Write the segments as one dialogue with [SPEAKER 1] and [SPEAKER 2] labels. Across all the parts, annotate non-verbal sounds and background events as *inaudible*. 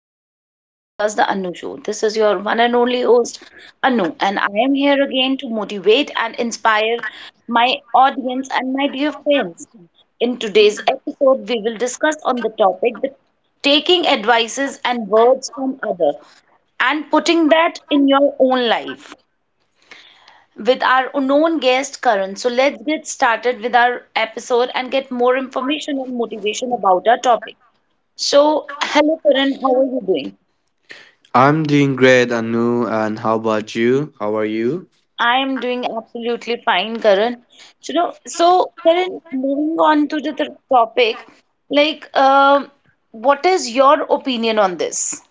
[SPEAKER 1] welcome to my podcast, The Anu Show. This is your one and only host, Anu, and I am here again to motivate and inspire my audience and my dear friends. In today's episode, we will discuss on the topic the taking advices and words from other and putting that in your own life with our unknown guest Karan. So let's get started with our episode and get more information and motivation about our topic. So, hello Karan, how are you doing?
[SPEAKER 2] I'm doing great, Anu, and how about you? How are you?
[SPEAKER 1] I am doing absolutely fine, Karan. So Karan, moving on to the topic, like, um, what is your opinion on this?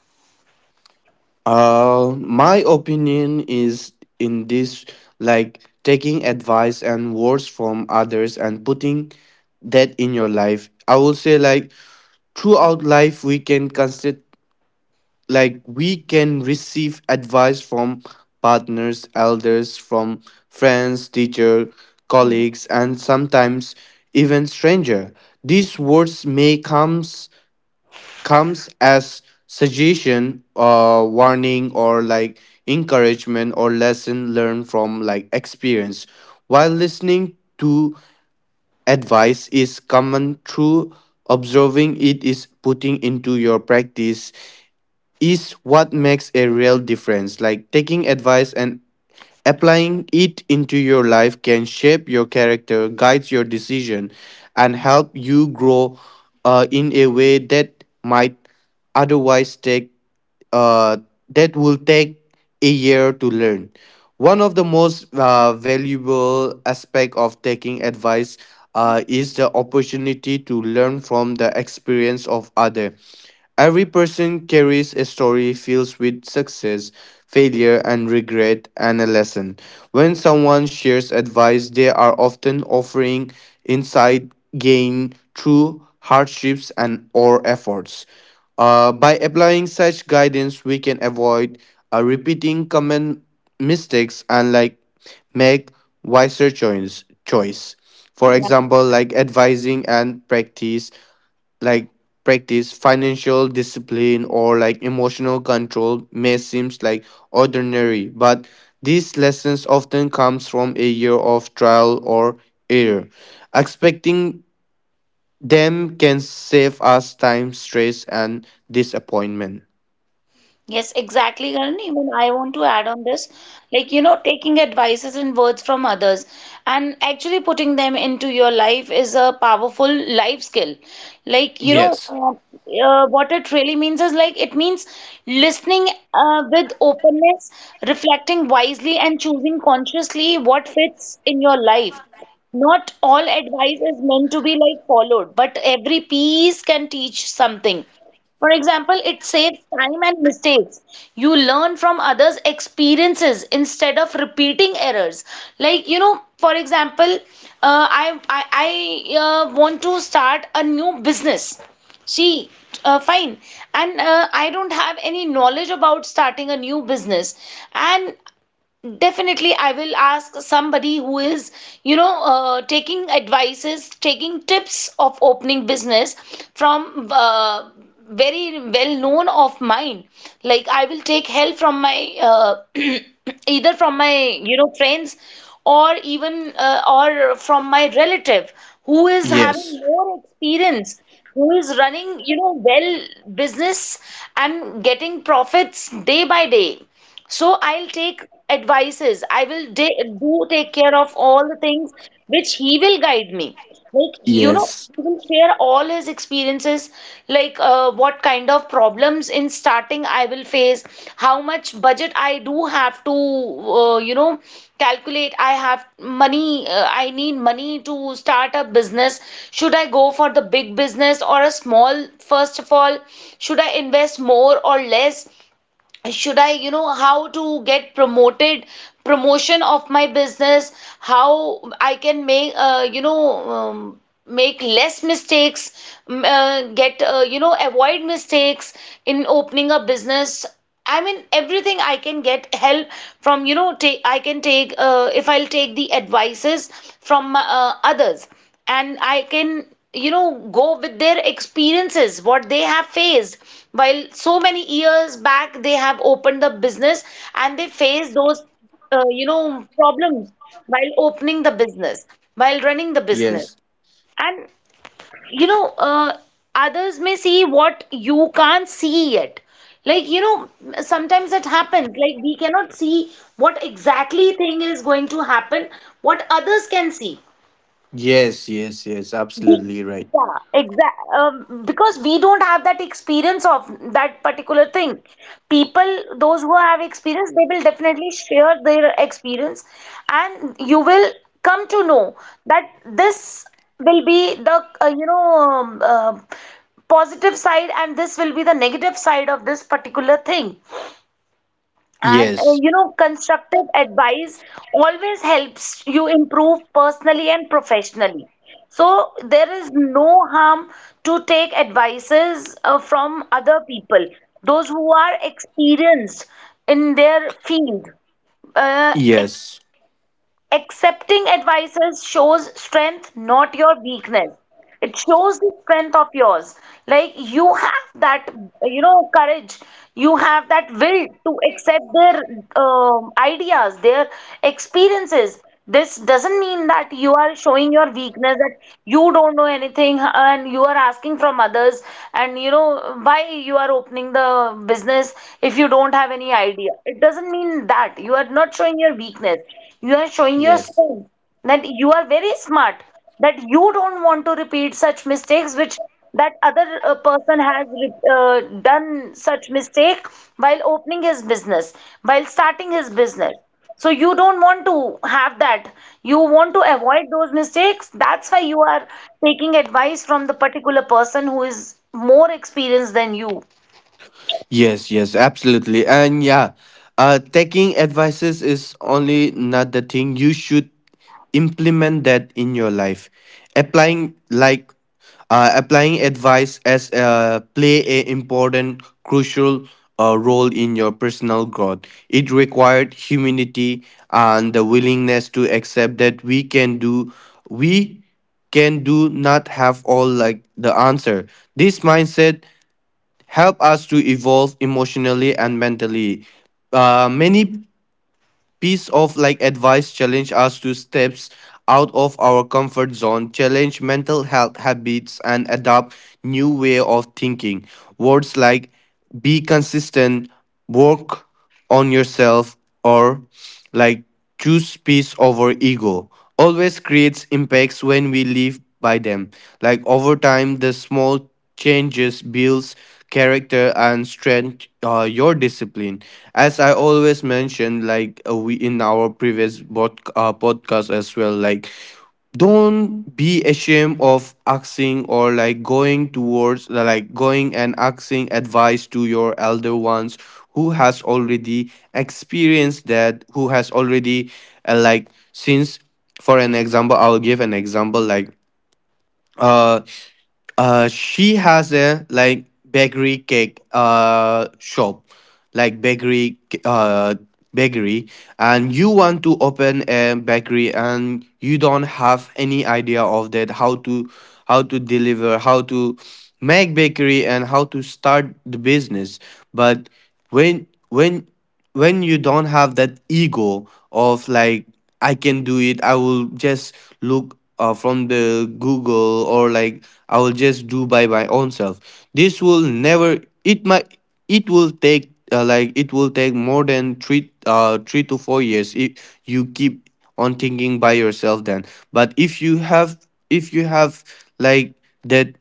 [SPEAKER 2] My opinion is, in this, like, taking advice and words from others and putting that in your life. I will say, like, throughout life we can consider, like, we can receive advice from partners, elders, from friends, teacher, colleagues, and sometimes even stranger. These words may come comes as suggestion, warning, or, like, encouragement, or lesson learned from, like, experience. While listening to advice is common, through observing, it is putting into your practice is what makes a real difference. Like taking advice and applying it into your life can shape your character, guide your decision, and help you grow in a way that might otherwise take uh, that will take a year to learn. One of the most valuable aspect of taking advice is the opportunity to learn from the experience of others. Every person carries a story filled with success, failure, and regret, and a lesson. When someone shares advice, they are often offering insight gained through hardships and or efforts. By applying such guidance, we can avoid repeating common mistakes and, like, make wiser choice. Choice, for example, like advising and practice, like, practice financial discipline, or, like, emotional control, may seems like ordinary, but these lessons often comes from a year of trial or error. Expecting them can save us time, stress, and disappointment.
[SPEAKER 1] Yes, exactly, Karan. Even I want to add on this, taking advices and words from others and actually putting them into your life is a powerful life skill. Like, you know,
[SPEAKER 2] Yes,
[SPEAKER 1] uh, what it really means is like it means listening with openness, reflecting wisely, and choosing consciously what fits in your life. Not all advice is meant to be like followed, but every piece can teach something. For example, it saves time and mistakes. You learn from others' experiences instead of repeating errors. For example, I want to start a new business. See, fine, and I don't have any knowledge about starting a new business, and definitely, I will ask somebody who is, taking advices, taking tips of opening business from very well known of mine. Like I will take help from my *clears throat* either from my, friends or even or from my relative who is having
[SPEAKER 2] yes,
[SPEAKER 1] more experience, who is running, well business and getting profits day by day. So I'll take advices. I will do take care of all the things which he will guide me.
[SPEAKER 2] yes,
[SPEAKER 1] He will share all his experiences, like what kind of problems in starting I will face, how much budget I do have to, calculate. I have money, I need money to start a business. Should I go for the big business or a small, first of all? Should I invest more or less? Should I, you know, how to get promoted, promotion of my business, how I can make you know make less mistakes, m- get you know avoid mistakes in opening a business. I mean everything I can get help from, you know, take I can take if I'll take the advices from others, and I can, go with their experiences, what they have faced. While so many years back, they have opened the business and they face those, problems while opening the business, while running the business.
[SPEAKER 2] yes,
[SPEAKER 1] And, you know, uh, others may see what you can't see yet. Like, you know, sometimes it happens. Like, we cannot see what exactly thing is going to happen, what others can see.
[SPEAKER 2] yes, yes, yes,
[SPEAKER 1] We-
[SPEAKER 2] absolutely right.
[SPEAKER 1] Yeah, exact. Because we don't have that experience of that particular thing. People, those who have experience, they will definitely share their experience, and you will come to know that this will be the uh, you know um, uh, positive side, and this will be the negative side of this particular thing. And
[SPEAKER 2] Yes,
[SPEAKER 1] constructive advice always helps you improve personally and professionally. So there is no harm to take advices from other people, those who are experienced in their field. Uh,
[SPEAKER 2] yes,
[SPEAKER 1] Accepting advices shows strength, not your weakness. It shows the strength of yours. Like you have that, courage. You have that will to accept their ideas, their experiences. This doesn't mean that you are showing your weakness, that you don't know anything and you are asking from others, and you know, why you are opening the business if you don't have any idea. It doesn't mean that. You are not showing your weakness, you are showing your
[SPEAKER 2] yes.
[SPEAKER 1] strength, that you are very smart, that you don't want to repeat such mistakes which that other person has done such mistake while opening his business, while starting his business. So you don't want to have that. You want to avoid those mistakes. That's why you are taking advice from the particular person who is more experienced than you.
[SPEAKER 2] Yes, yes, absolutely. And yeah, taking advices is only not the thing. You should implement that in your life. Applying like Applying advice as, play a important, crucial, role in your personal growth. It required humility and the willingness to accept that we can do not have all, like, the answer. This mindset help us to evolve emotionally and mentally. Many piece of, like, advice challenge us to steps out of our comfort zone, challenge mental health habits, and adopt new way of thinking. Words like be consistent, work on yourself, or, like, choose peace over ego, always creates impacts when we live by them. Like over time, the small changes builds character and strength, your discipline, as I always mentioned, like, we in our previous podcast as well, like, don't be ashamed of asking, or, like, going towards, like, going and asking advice to your elder ones who has already experienced that, who has already, like since for an example, I'll give an example, like, uh she has a, like, bakery cake shop, like bakery, bakery, and you want to open a bakery and you don't have any idea of that how to deliver, how to make bakery, and how to start the business. But when when when you don't have that ego of, like, I can do it, I will just look, from the google, or, like, I will just do by my own self. This will never, it might, it will take more than three, 3 to 4 years if you keep on thinking by yourself. Then, but if you have, like, that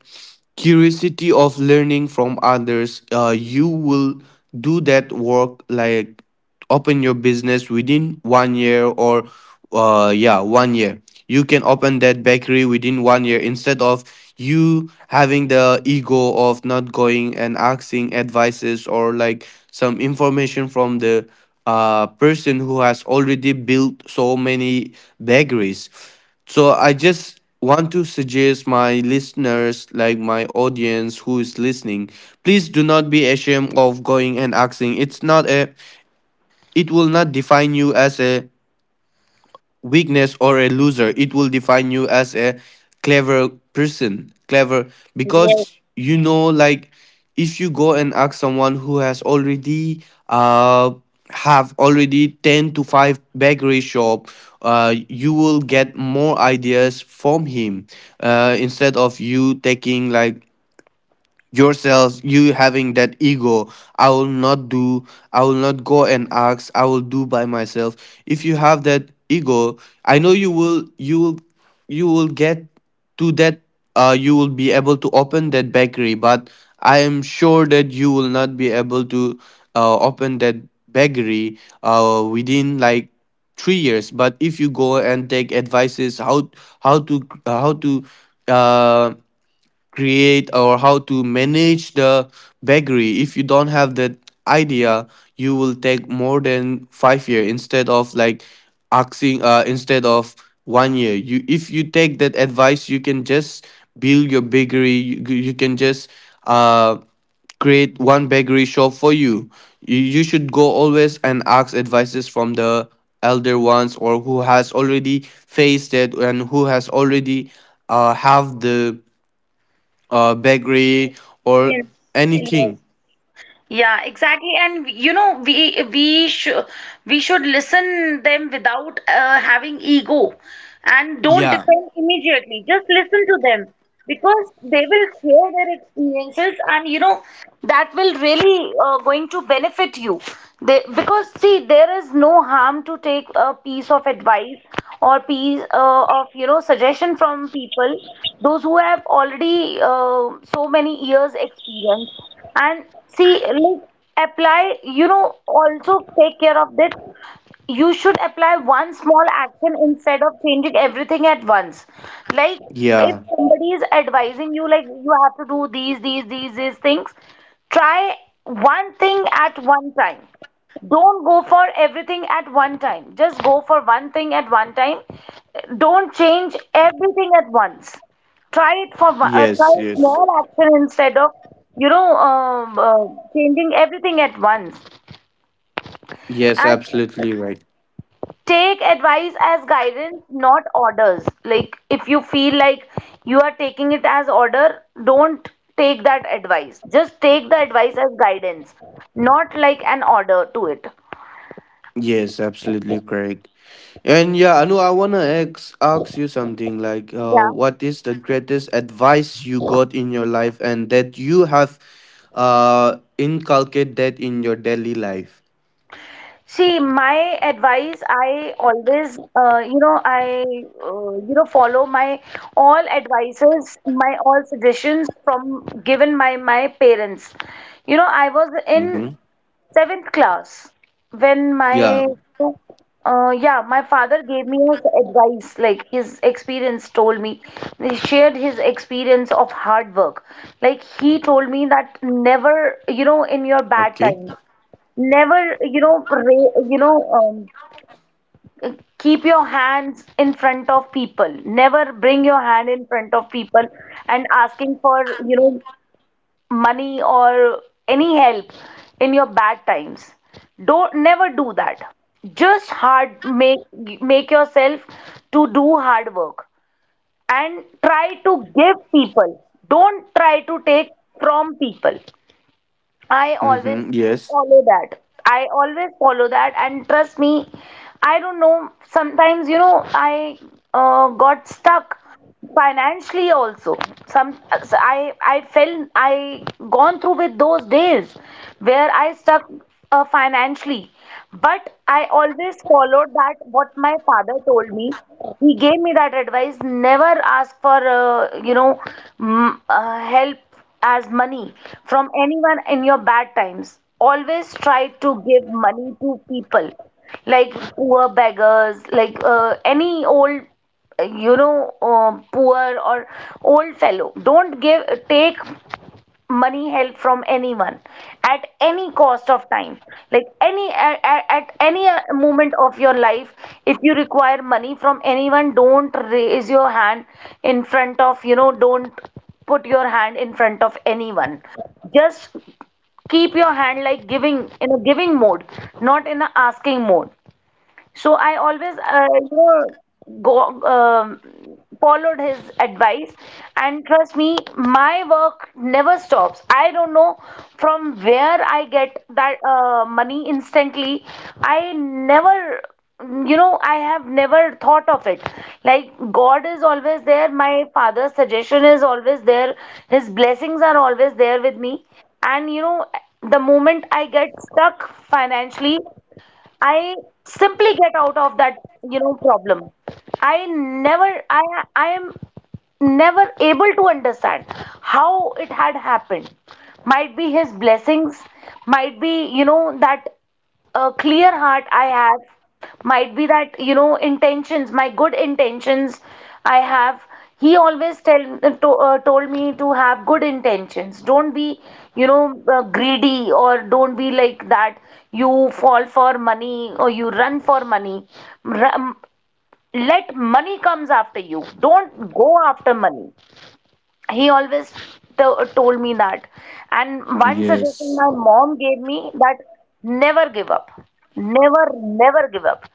[SPEAKER 2] curiosity of learning from others, you will do that work, like, open your business within one year or yeah, one year, you can open that bakery within one year, instead of you having the ego of not going and asking advices or, like, some information from the person who has already built so many bakeries. So I just want to suggest my listeners, like, my audience who is listening, please do not be ashamed of going and asking. It's not a, it will not define you as a weakness or a loser. It will define you as a clever person. Clever,
[SPEAKER 1] Yes,
[SPEAKER 2] because, you know, like, if you go and ask someone who has uh already 10 to 5 bakery shop, you will get more ideas from him, instead of you taking, like, yourselves, you having that ego, I will not do, I will not go and ask, I will do by myself. If you have that ego, I know you will get to that. You will be able to open that bakery, but I am sure that you will not be able to open that bakery within like 3 years. But if you go and take advices, how how to how to uh, create, or how to manage the bakery, if you don't have that idea, you will take more than 5 year, instead of, like, asking, instead of one year, you if you take that advice, you can just build your bakery, you can just uh, create one bakery shop for you. You should go always and ask advices from the elder ones, or who has already faced it, and who has already, have the, bakery, or
[SPEAKER 1] yes, yes.
[SPEAKER 2] anything.
[SPEAKER 1] Yeah, exactly. And you know, we should listen them without having ego, and don't
[SPEAKER 2] Yeah.
[SPEAKER 1] depend immediately. Just listen to them because they will share their experiences, and you know that will really going to benefit you. They, because see, there is no harm to take a piece of advice or piece of, you know, suggestion from people, those who have already so many years experience. And see, like, apply, you know, also take care of that, you should apply one small action instead of changing everything at once. Like if
[SPEAKER 2] Yeah.
[SPEAKER 1] somebody is advising you, like you have to do these things, try one thing at one time. Don't go for everything at one time, just go for one thing at one time. Don't change everything at once. Try it for
[SPEAKER 2] Yes.
[SPEAKER 1] try
[SPEAKER 2] Yes.
[SPEAKER 1] small action instead of you know um uh, changing everything at once.
[SPEAKER 2] Yes.
[SPEAKER 1] And
[SPEAKER 2] Absolutely right.
[SPEAKER 1] take advice as guidance, not orders. Like if you feel like you are taking it as order, don't take that advice. Just take the advice as guidance, not like an order to it.
[SPEAKER 2] Yes. Absolutely correct. And yeah, Anu, I wanna ask you something. Like,
[SPEAKER 1] Yeah.
[SPEAKER 2] what is the greatest advice you got in your life, and that you have, inculcate that in your daily life?
[SPEAKER 1] See, my advice, I always, I follow my all advices, my all suggestions from given by my parents. You know, I was in
[SPEAKER 2] Mm-hmm.
[SPEAKER 1] seventh class when
[SPEAKER 2] Yeah.
[SPEAKER 1] my, yeah, my father gave me his advice, like his experience told me. He shared his experience of hard work. Like he told me that never, you know, in your bad
[SPEAKER 2] Okay.
[SPEAKER 1] times never, you know ra- you know um, keep your hands in front of people, never bring your hand in front of people and asking for, you know, money or any help in your bad times. Don't never do that. Just hard make yourself to do hard work and try to give people, don't try to take from people. I always
[SPEAKER 2] Mm-hmm. Yes.
[SPEAKER 1] follow that. I always follow that, and trust me, I don't know. Sometimes, you know, I got stuck financially also. Some I felt I gone through with those days where I stuck financially, but I always followed that what my father told me. He gave me that advice: never ask for you know m help as money from anyone in your bad times. Always try to give money to people like poor beggars, like any old, poor or old fellow. Don't give, take money help from anyone at any cost of time, like any at any moment of your life. If you require money from anyone, don't raise your hand in front of, you know, don't put your hand in front of anyone. Just keep your hand like giving in a giving mode, not in a asking mode. So I always, go followed his advice, and trust me, my work never stops. I don't know from where I get that money instantly. I never, you know, I have never thought of it. Like God is always there. My father's suggestion is always there. His blessings are always there with me, and you know, the moment I get stuck financially, I simply get out of that, problem. I never, I, I am never able to understand how it had happened. Might be his blessings, might be, you know, that a clear heart I have, might be that, you know, intentions, my good intentions I have. He always told me to have good intentions. Don't be, greedy, or don't be like that you fall for money or you run for money. Ru- um, Let money comes after you, don't go after money. He always told me that. And one suggestion my
[SPEAKER 2] Yes.
[SPEAKER 1] mom gave me that: never give up, never give up.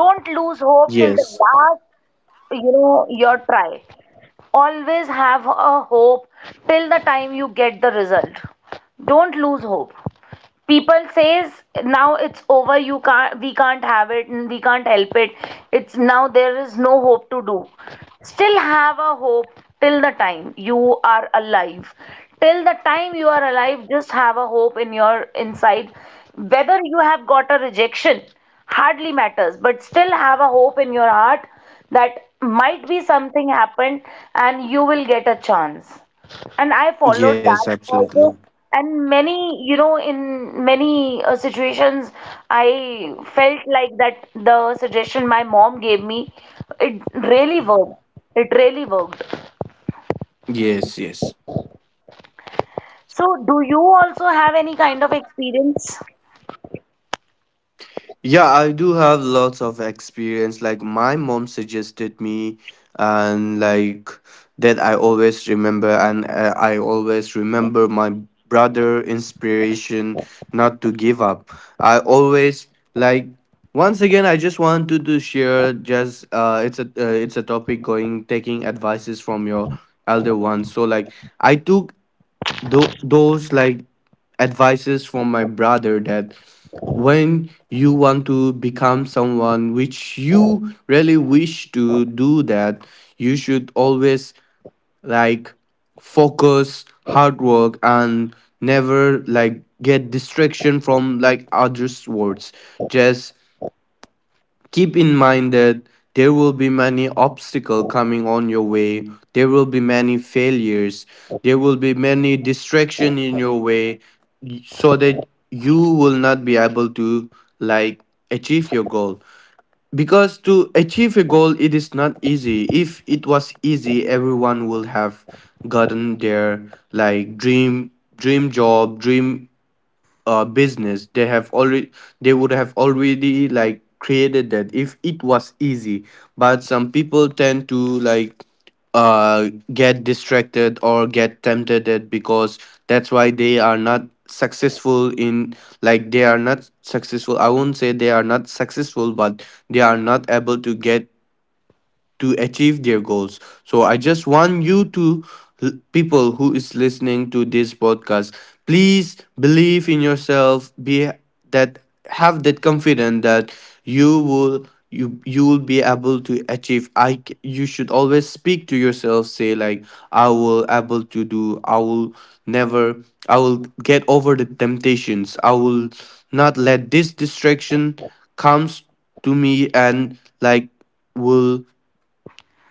[SPEAKER 1] Don't lose hope till the
[SPEAKER 2] Yes.
[SPEAKER 1] last, you know, your try. Always have a hope till the time you get the result. Don't lose hope. People says now it's over, you can't, we can't have it and we can't help it, it's now there is no hope to do. Still have a hope till the time you are alive. Till the time you are alive, just have a hope in your inside. Whether you have got a rejection hardly matters, but still have a hope in your heart that might be something happened and you will get a chance. And I followed that
[SPEAKER 2] Yes.
[SPEAKER 1] also.
[SPEAKER 2] Absolutely.
[SPEAKER 1] And many, you know, in many situations, I felt like that the suggestion my mom gave me, it really worked. It really worked.
[SPEAKER 2] Yes. Yes.
[SPEAKER 1] So, do you also have any kind of experience?
[SPEAKER 2] Yeah, I do have lots of experience. Like, my mom suggested me, and, like, that I always remember, and I always remember my brother inspiration not to give up. I always, like, once again, I just wanted to share, just, it's a topic going, taking advices from your elder ones. So, like, I took those, like, advices from my brother, that when you want to become someone which you really wish to do that, you should always, like, focus hard work, and never, like, get distraction from, like, others words. Just keep in mind that there will be many obstacles coming on your way. There will be many failures. There will be many distraction in your way, so that you will not be able to, like, achieve your goal. Because to achieve a goal, it is not easy. If it was easy, everyone will have gotten their, like, dream job, dream business, they have already they would have already, like, created that, if it was easy. But some people tend to, like, get distracted or get tempted, that, because that's why they are not successful in, like, they are not successful. I won't say they are not successful, but they are not able to get, to achieve their goals. So I just want you to, people who is listening to this podcast, please believe in yourself, be that, have that confidence that you will be able to achieve. You should always speak to yourself, say like, I will able to do. I will never, I will get over the temptations. I will not let this distraction comes to me, and, like, will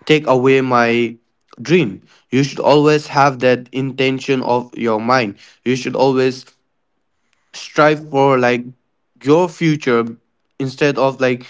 [SPEAKER 2] take away my dream. You should always have that intention of your mind. You should always strive for, like, your future, instead of, like,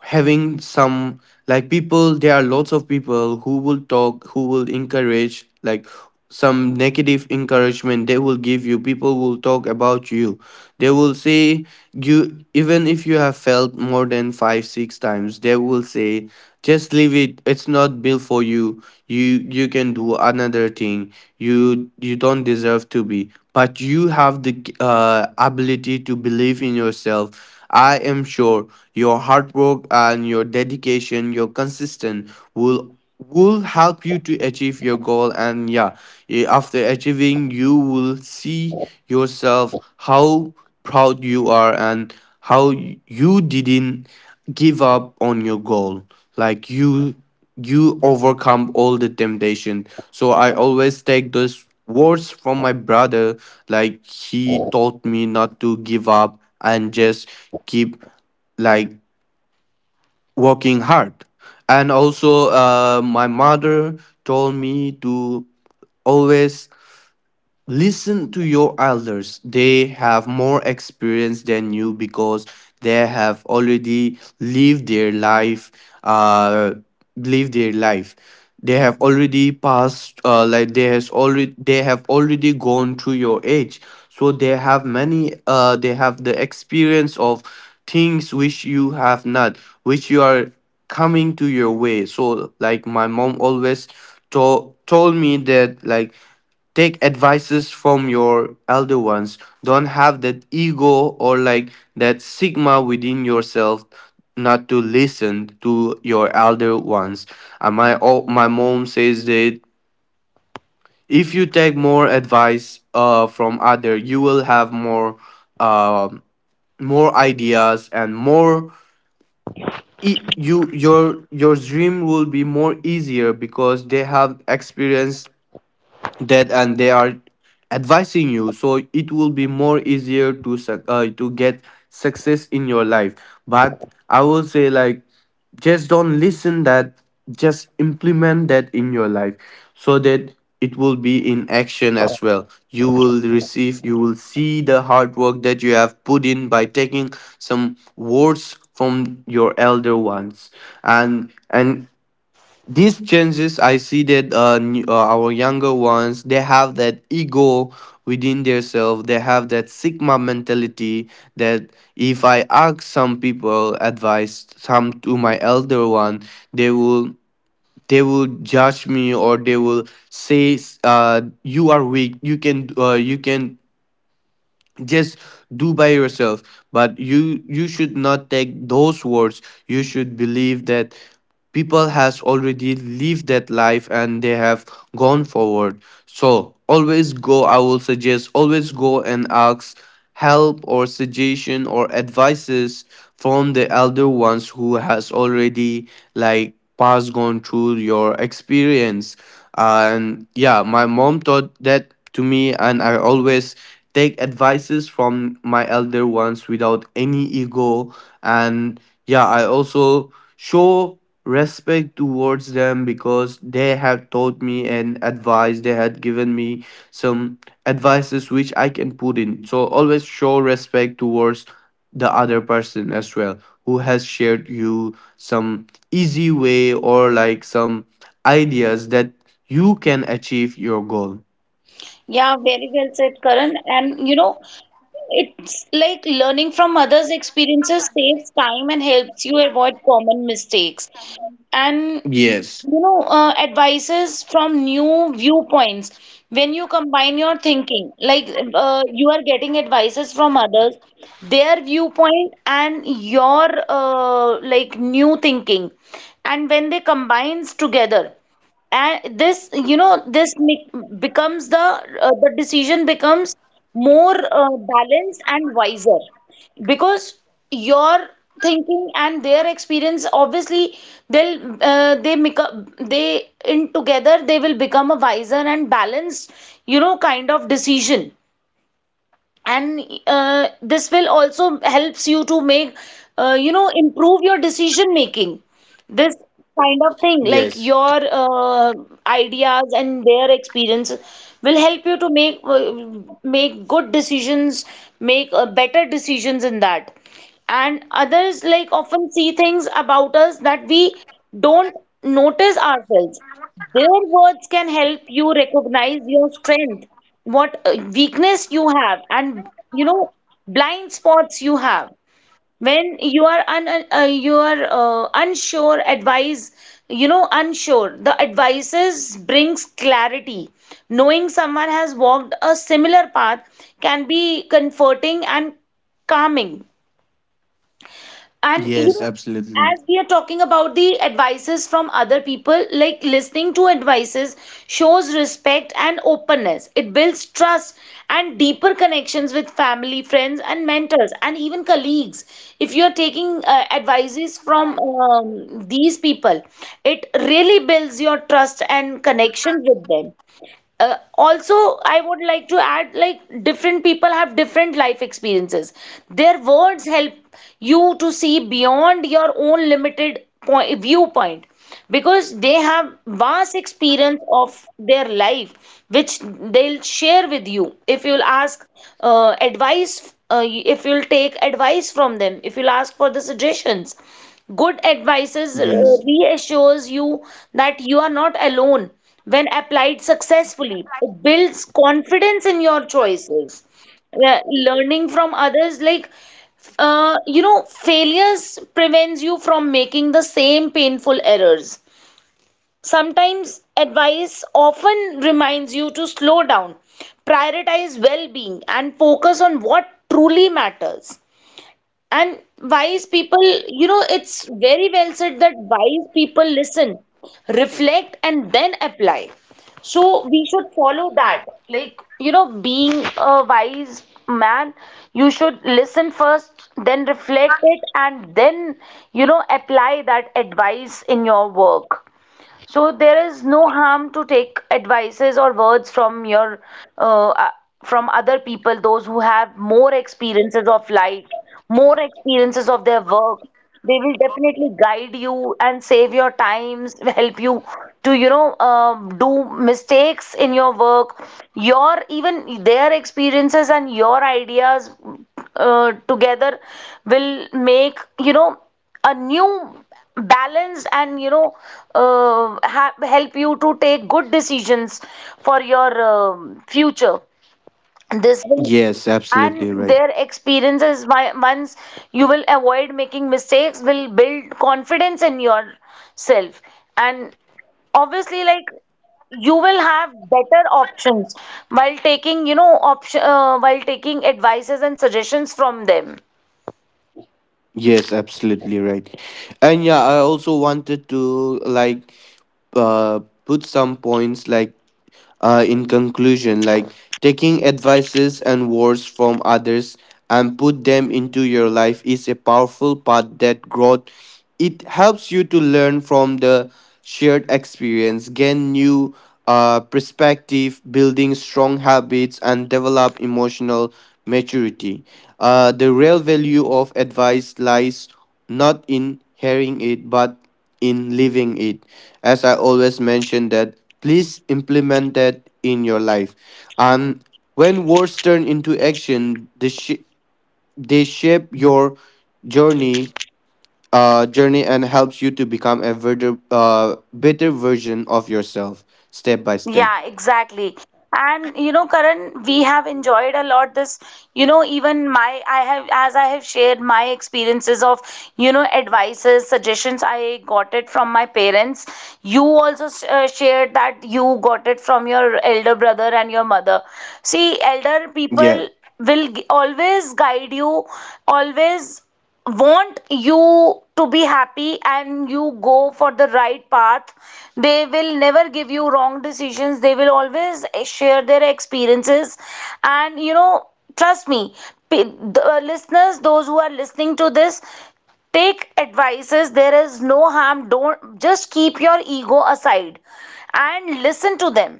[SPEAKER 2] having some, like, people. There are lots of people who will talk, who will encourage, like, some negative encouragement they will give you. People will talk about you. They will say you, even if you have failed more than five six times, they will say, just leave it, it's not built for you. You can do another thing, you don't deserve to be, but you have the, ability to believe in yourself. I am sure your hard work and your dedication, your consistent will help you to achieve your goal. And yeah, eh, after achieving, you will see yourself how proud you are, and how you didn't give up on your goal. Like, you overcome all the temptation. So I always take those words from my brother, like, he taught me not to give up, and just keep, like, working hard. And also, my mother told me to always listen to your elders. They have more experience than you, because they have already lived their life, uh, lived their life. They have already passed, like, they have already gone through your age. So they have many, they have the experience of things which you have not, which you are coming to your way. So, like, my mom always told me that, like, take advices from your elder ones, don't have that ego or, like, that sigma within yourself not to listen to your elder ones. My mom says that if you take more advice from other, you will have more, um more ideas and more, you, your dream will be more easier, because they have experienced that and they are advising you. So it will be more easier to, to get success in your life. But I will say, like, just don't listen that, just implement that in your life, so that it will be in action as well. You will receive, you will see the hard work that you have put in by taking some words from your elder ones. And these changes, I see that, new, our younger ones, they have that ego within themselves, they have that sigma mentality, that if I ask some people advice, some to my elder one, they will, they will judge me, or they will say, you are weak, you can, you can just do by yourself. But you should not take those words. You should believe that people has already lived that life and they have gone forward. So always go, I will suggest, always go and ask help, or suggestion, or advices from the elder ones who has already, like, passed, gone through your experience. And yeah, my mom taught that to me, and I always take advices from my elder ones without any ego. And yeah, I also show respect towards them, because they have taught me, and advice they had given me some advices which I can put in. So always show respect towards the other person as well, who has shared you some easy way, or, like, some ideas that you can achieve your goal.
[SPEAKER 1] Yeah, very well said, Karan. And you know, it's like learning from others' experiences saves time and helps you avoid common mistakes. And
[SPEAKER 2] Yes.
[SPEAKER 1] you know, advices from new viewpoints. When you combine your thinking, like you are getting advices from others, their viewpoint and your like new thinking, and when they combines together, and this you know this make, becomes the decision becomes more balanced and wiser because your thinking and their experience obviously they'll they make up, they in together they will become a wiser and balanced, you know, kind of decision. And this will also helps you to make, you know, improve your decision making, this kind of thing,
[SPEAKER 2] Yes.
[SPEAKER 1] like your ideas and their experience will help you to make make good decisions, make better decisions in that. And others like often see things about us that we don't notice ourselves. Their words can help you recognize your strength, what weakness you have, and you know, blind spots you have. When you are you are unsure advice, you know, unsure, the advices brings clarity. Knowing someone has walked a similar path can be comforting and calming. And you
[SPEAKER 2] Yes,
[SPEAKER 1] know,
[SPEAKER 2] absolutely.
[SPEAKER 1] as we are talking about the advices from other people, like listening to advices shows respect and openness. It builds trust and deeper connections with family, friends, and mentors, and even colleagues. If you are taking advices from these people, it really builds your trust and connection with them. Also, I would like to add, like, different people have different life experiences. Their words help you to see beyond your own limited point, viewpoint, because they have vast experience of their life which they'll share with you if you'll ask advice, if you'll take advice from them, if you'll ask for the suggestions. Good advices
[SPEAKER 2] Yes.
[SPEAKER 1] reassures you that you are not alone. When applied successfully, it builds confidence in your choices. Le- Learning from others, like, you know, failures prevents you from making the same painful errors. Sometimes advice often reminds you to slow down, prioritize well being, and focus on what truly matters. And wise people, you know, it's very well said that wise people listen, reflect, and then apply. So we should follow that. Like, you know, being a wise man, you should listen first, then reflect it, and then, you know, apply that advice in your work. So there is no harm to take advices or words from your uh, uh, from other people, those who have more experiences of life, more experiences of their work. They will definitely guide you and save your times, *laughs* help you to, you know, do mistakes in your work. Your even their experiences and your ideas together will, make you know, a new balance, and you know, help you to take good decisions for your future. This will,
[SPEAKER 2] Yes, absolutely
[SPEAKER 1] and
[SPEAKER 2] right.
[SPEAKER 1] their experiences by, once you will avoid making mistakes will build confidence in yourself. And obviously, like, you will have better options while taking, you know, option while taking advices and suggestions from them.
[SPEAKER 2] Yes, absolutely right. And yeah, I also wanted to, like, uh put some points, like, in conclusion, like, taking advices and words from others and put them into your life is a powerful part that growth. It helps you to learn from the shared experience, gain new, perspective, building strong habits, and develop emotional maturity. The real value of advice lies not in hearing it, but in living it, as I always mention that please implement that in your life. And when words turn into action, they, they shape your journey journey, and helps you to become a better, better version of yourself, step by step.
[SPEAKER 1] Yeah, exactly. And you know, Karan, we have enjoyed a lot this, you know, even my, I have, as I have shared my experiences of, you know, advices, suggestions, I got it from my parents. You also shared that you got it from your elder brother and your mother. See, elder
[SPEAKER 2] Yeah.
[SPEAKER 1] people will always guide you, always want you to be happy and you go for the right path. They will never give you wrong decisions, they will always share their experiences. And you know, trust me, p- the listeners, those who are listening to this, take advices, there is no harm, don't just keep your ego aside and listen to them.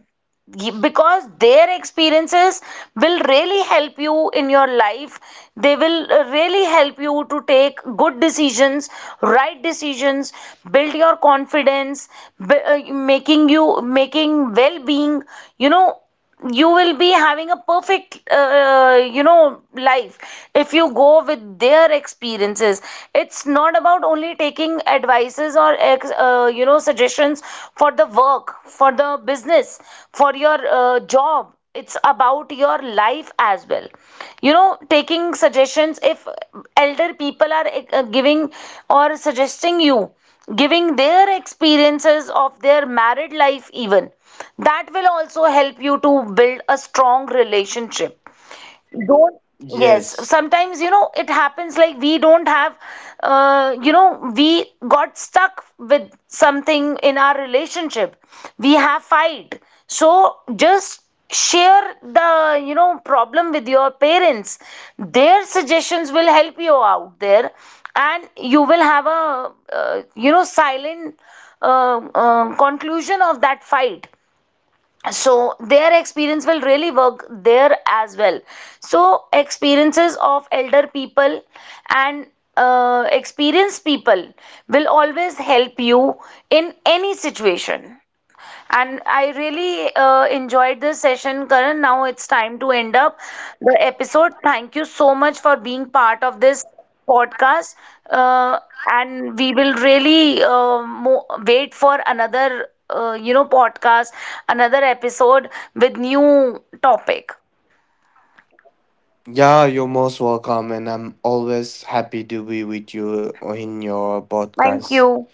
[SPEAKER 1] Because their experiences will really help you in your life. They will really help you to take good decisions, right decisions, build your confidence, making you, making well being, you know, you will be having a perfect you know, life if you go with their experiences. It's not about only taking advices or you know, suggestions for the work, for the business, for your job. It's about your life as well. You know, taking suggestions, if elder people are giving or suggesting you, giving their experiences of their married life even, that will also help you to build a strong relationship. Don't, yes,
[SPEAKER 2] Yes.
[SPEAKER 1] sometimes you know it happens like we don't have, you know, we got stuck with something in our relationship, we have fight. So just share the, you know, problem with your parents. Their suggestions will help you out there, and you will have a, you know, silent conclusion of that fight. So their experience will really work there as well. So experiences of elder people and experienced people will always help you in any situation. And I really enjoyed this session, Karan. Now it's time to end up the episode. Thank you so much for being part of this podcast. Uh, and we will really wait for another, you know, podcast, another episode with new topic.
[SPEAKER 2] Yeah, you're most welcome, and I'm always happy to be with you in your
[SPEAKER 1] Thank
[SPEAKER 2] podcast.
[SPEAKER 1] you.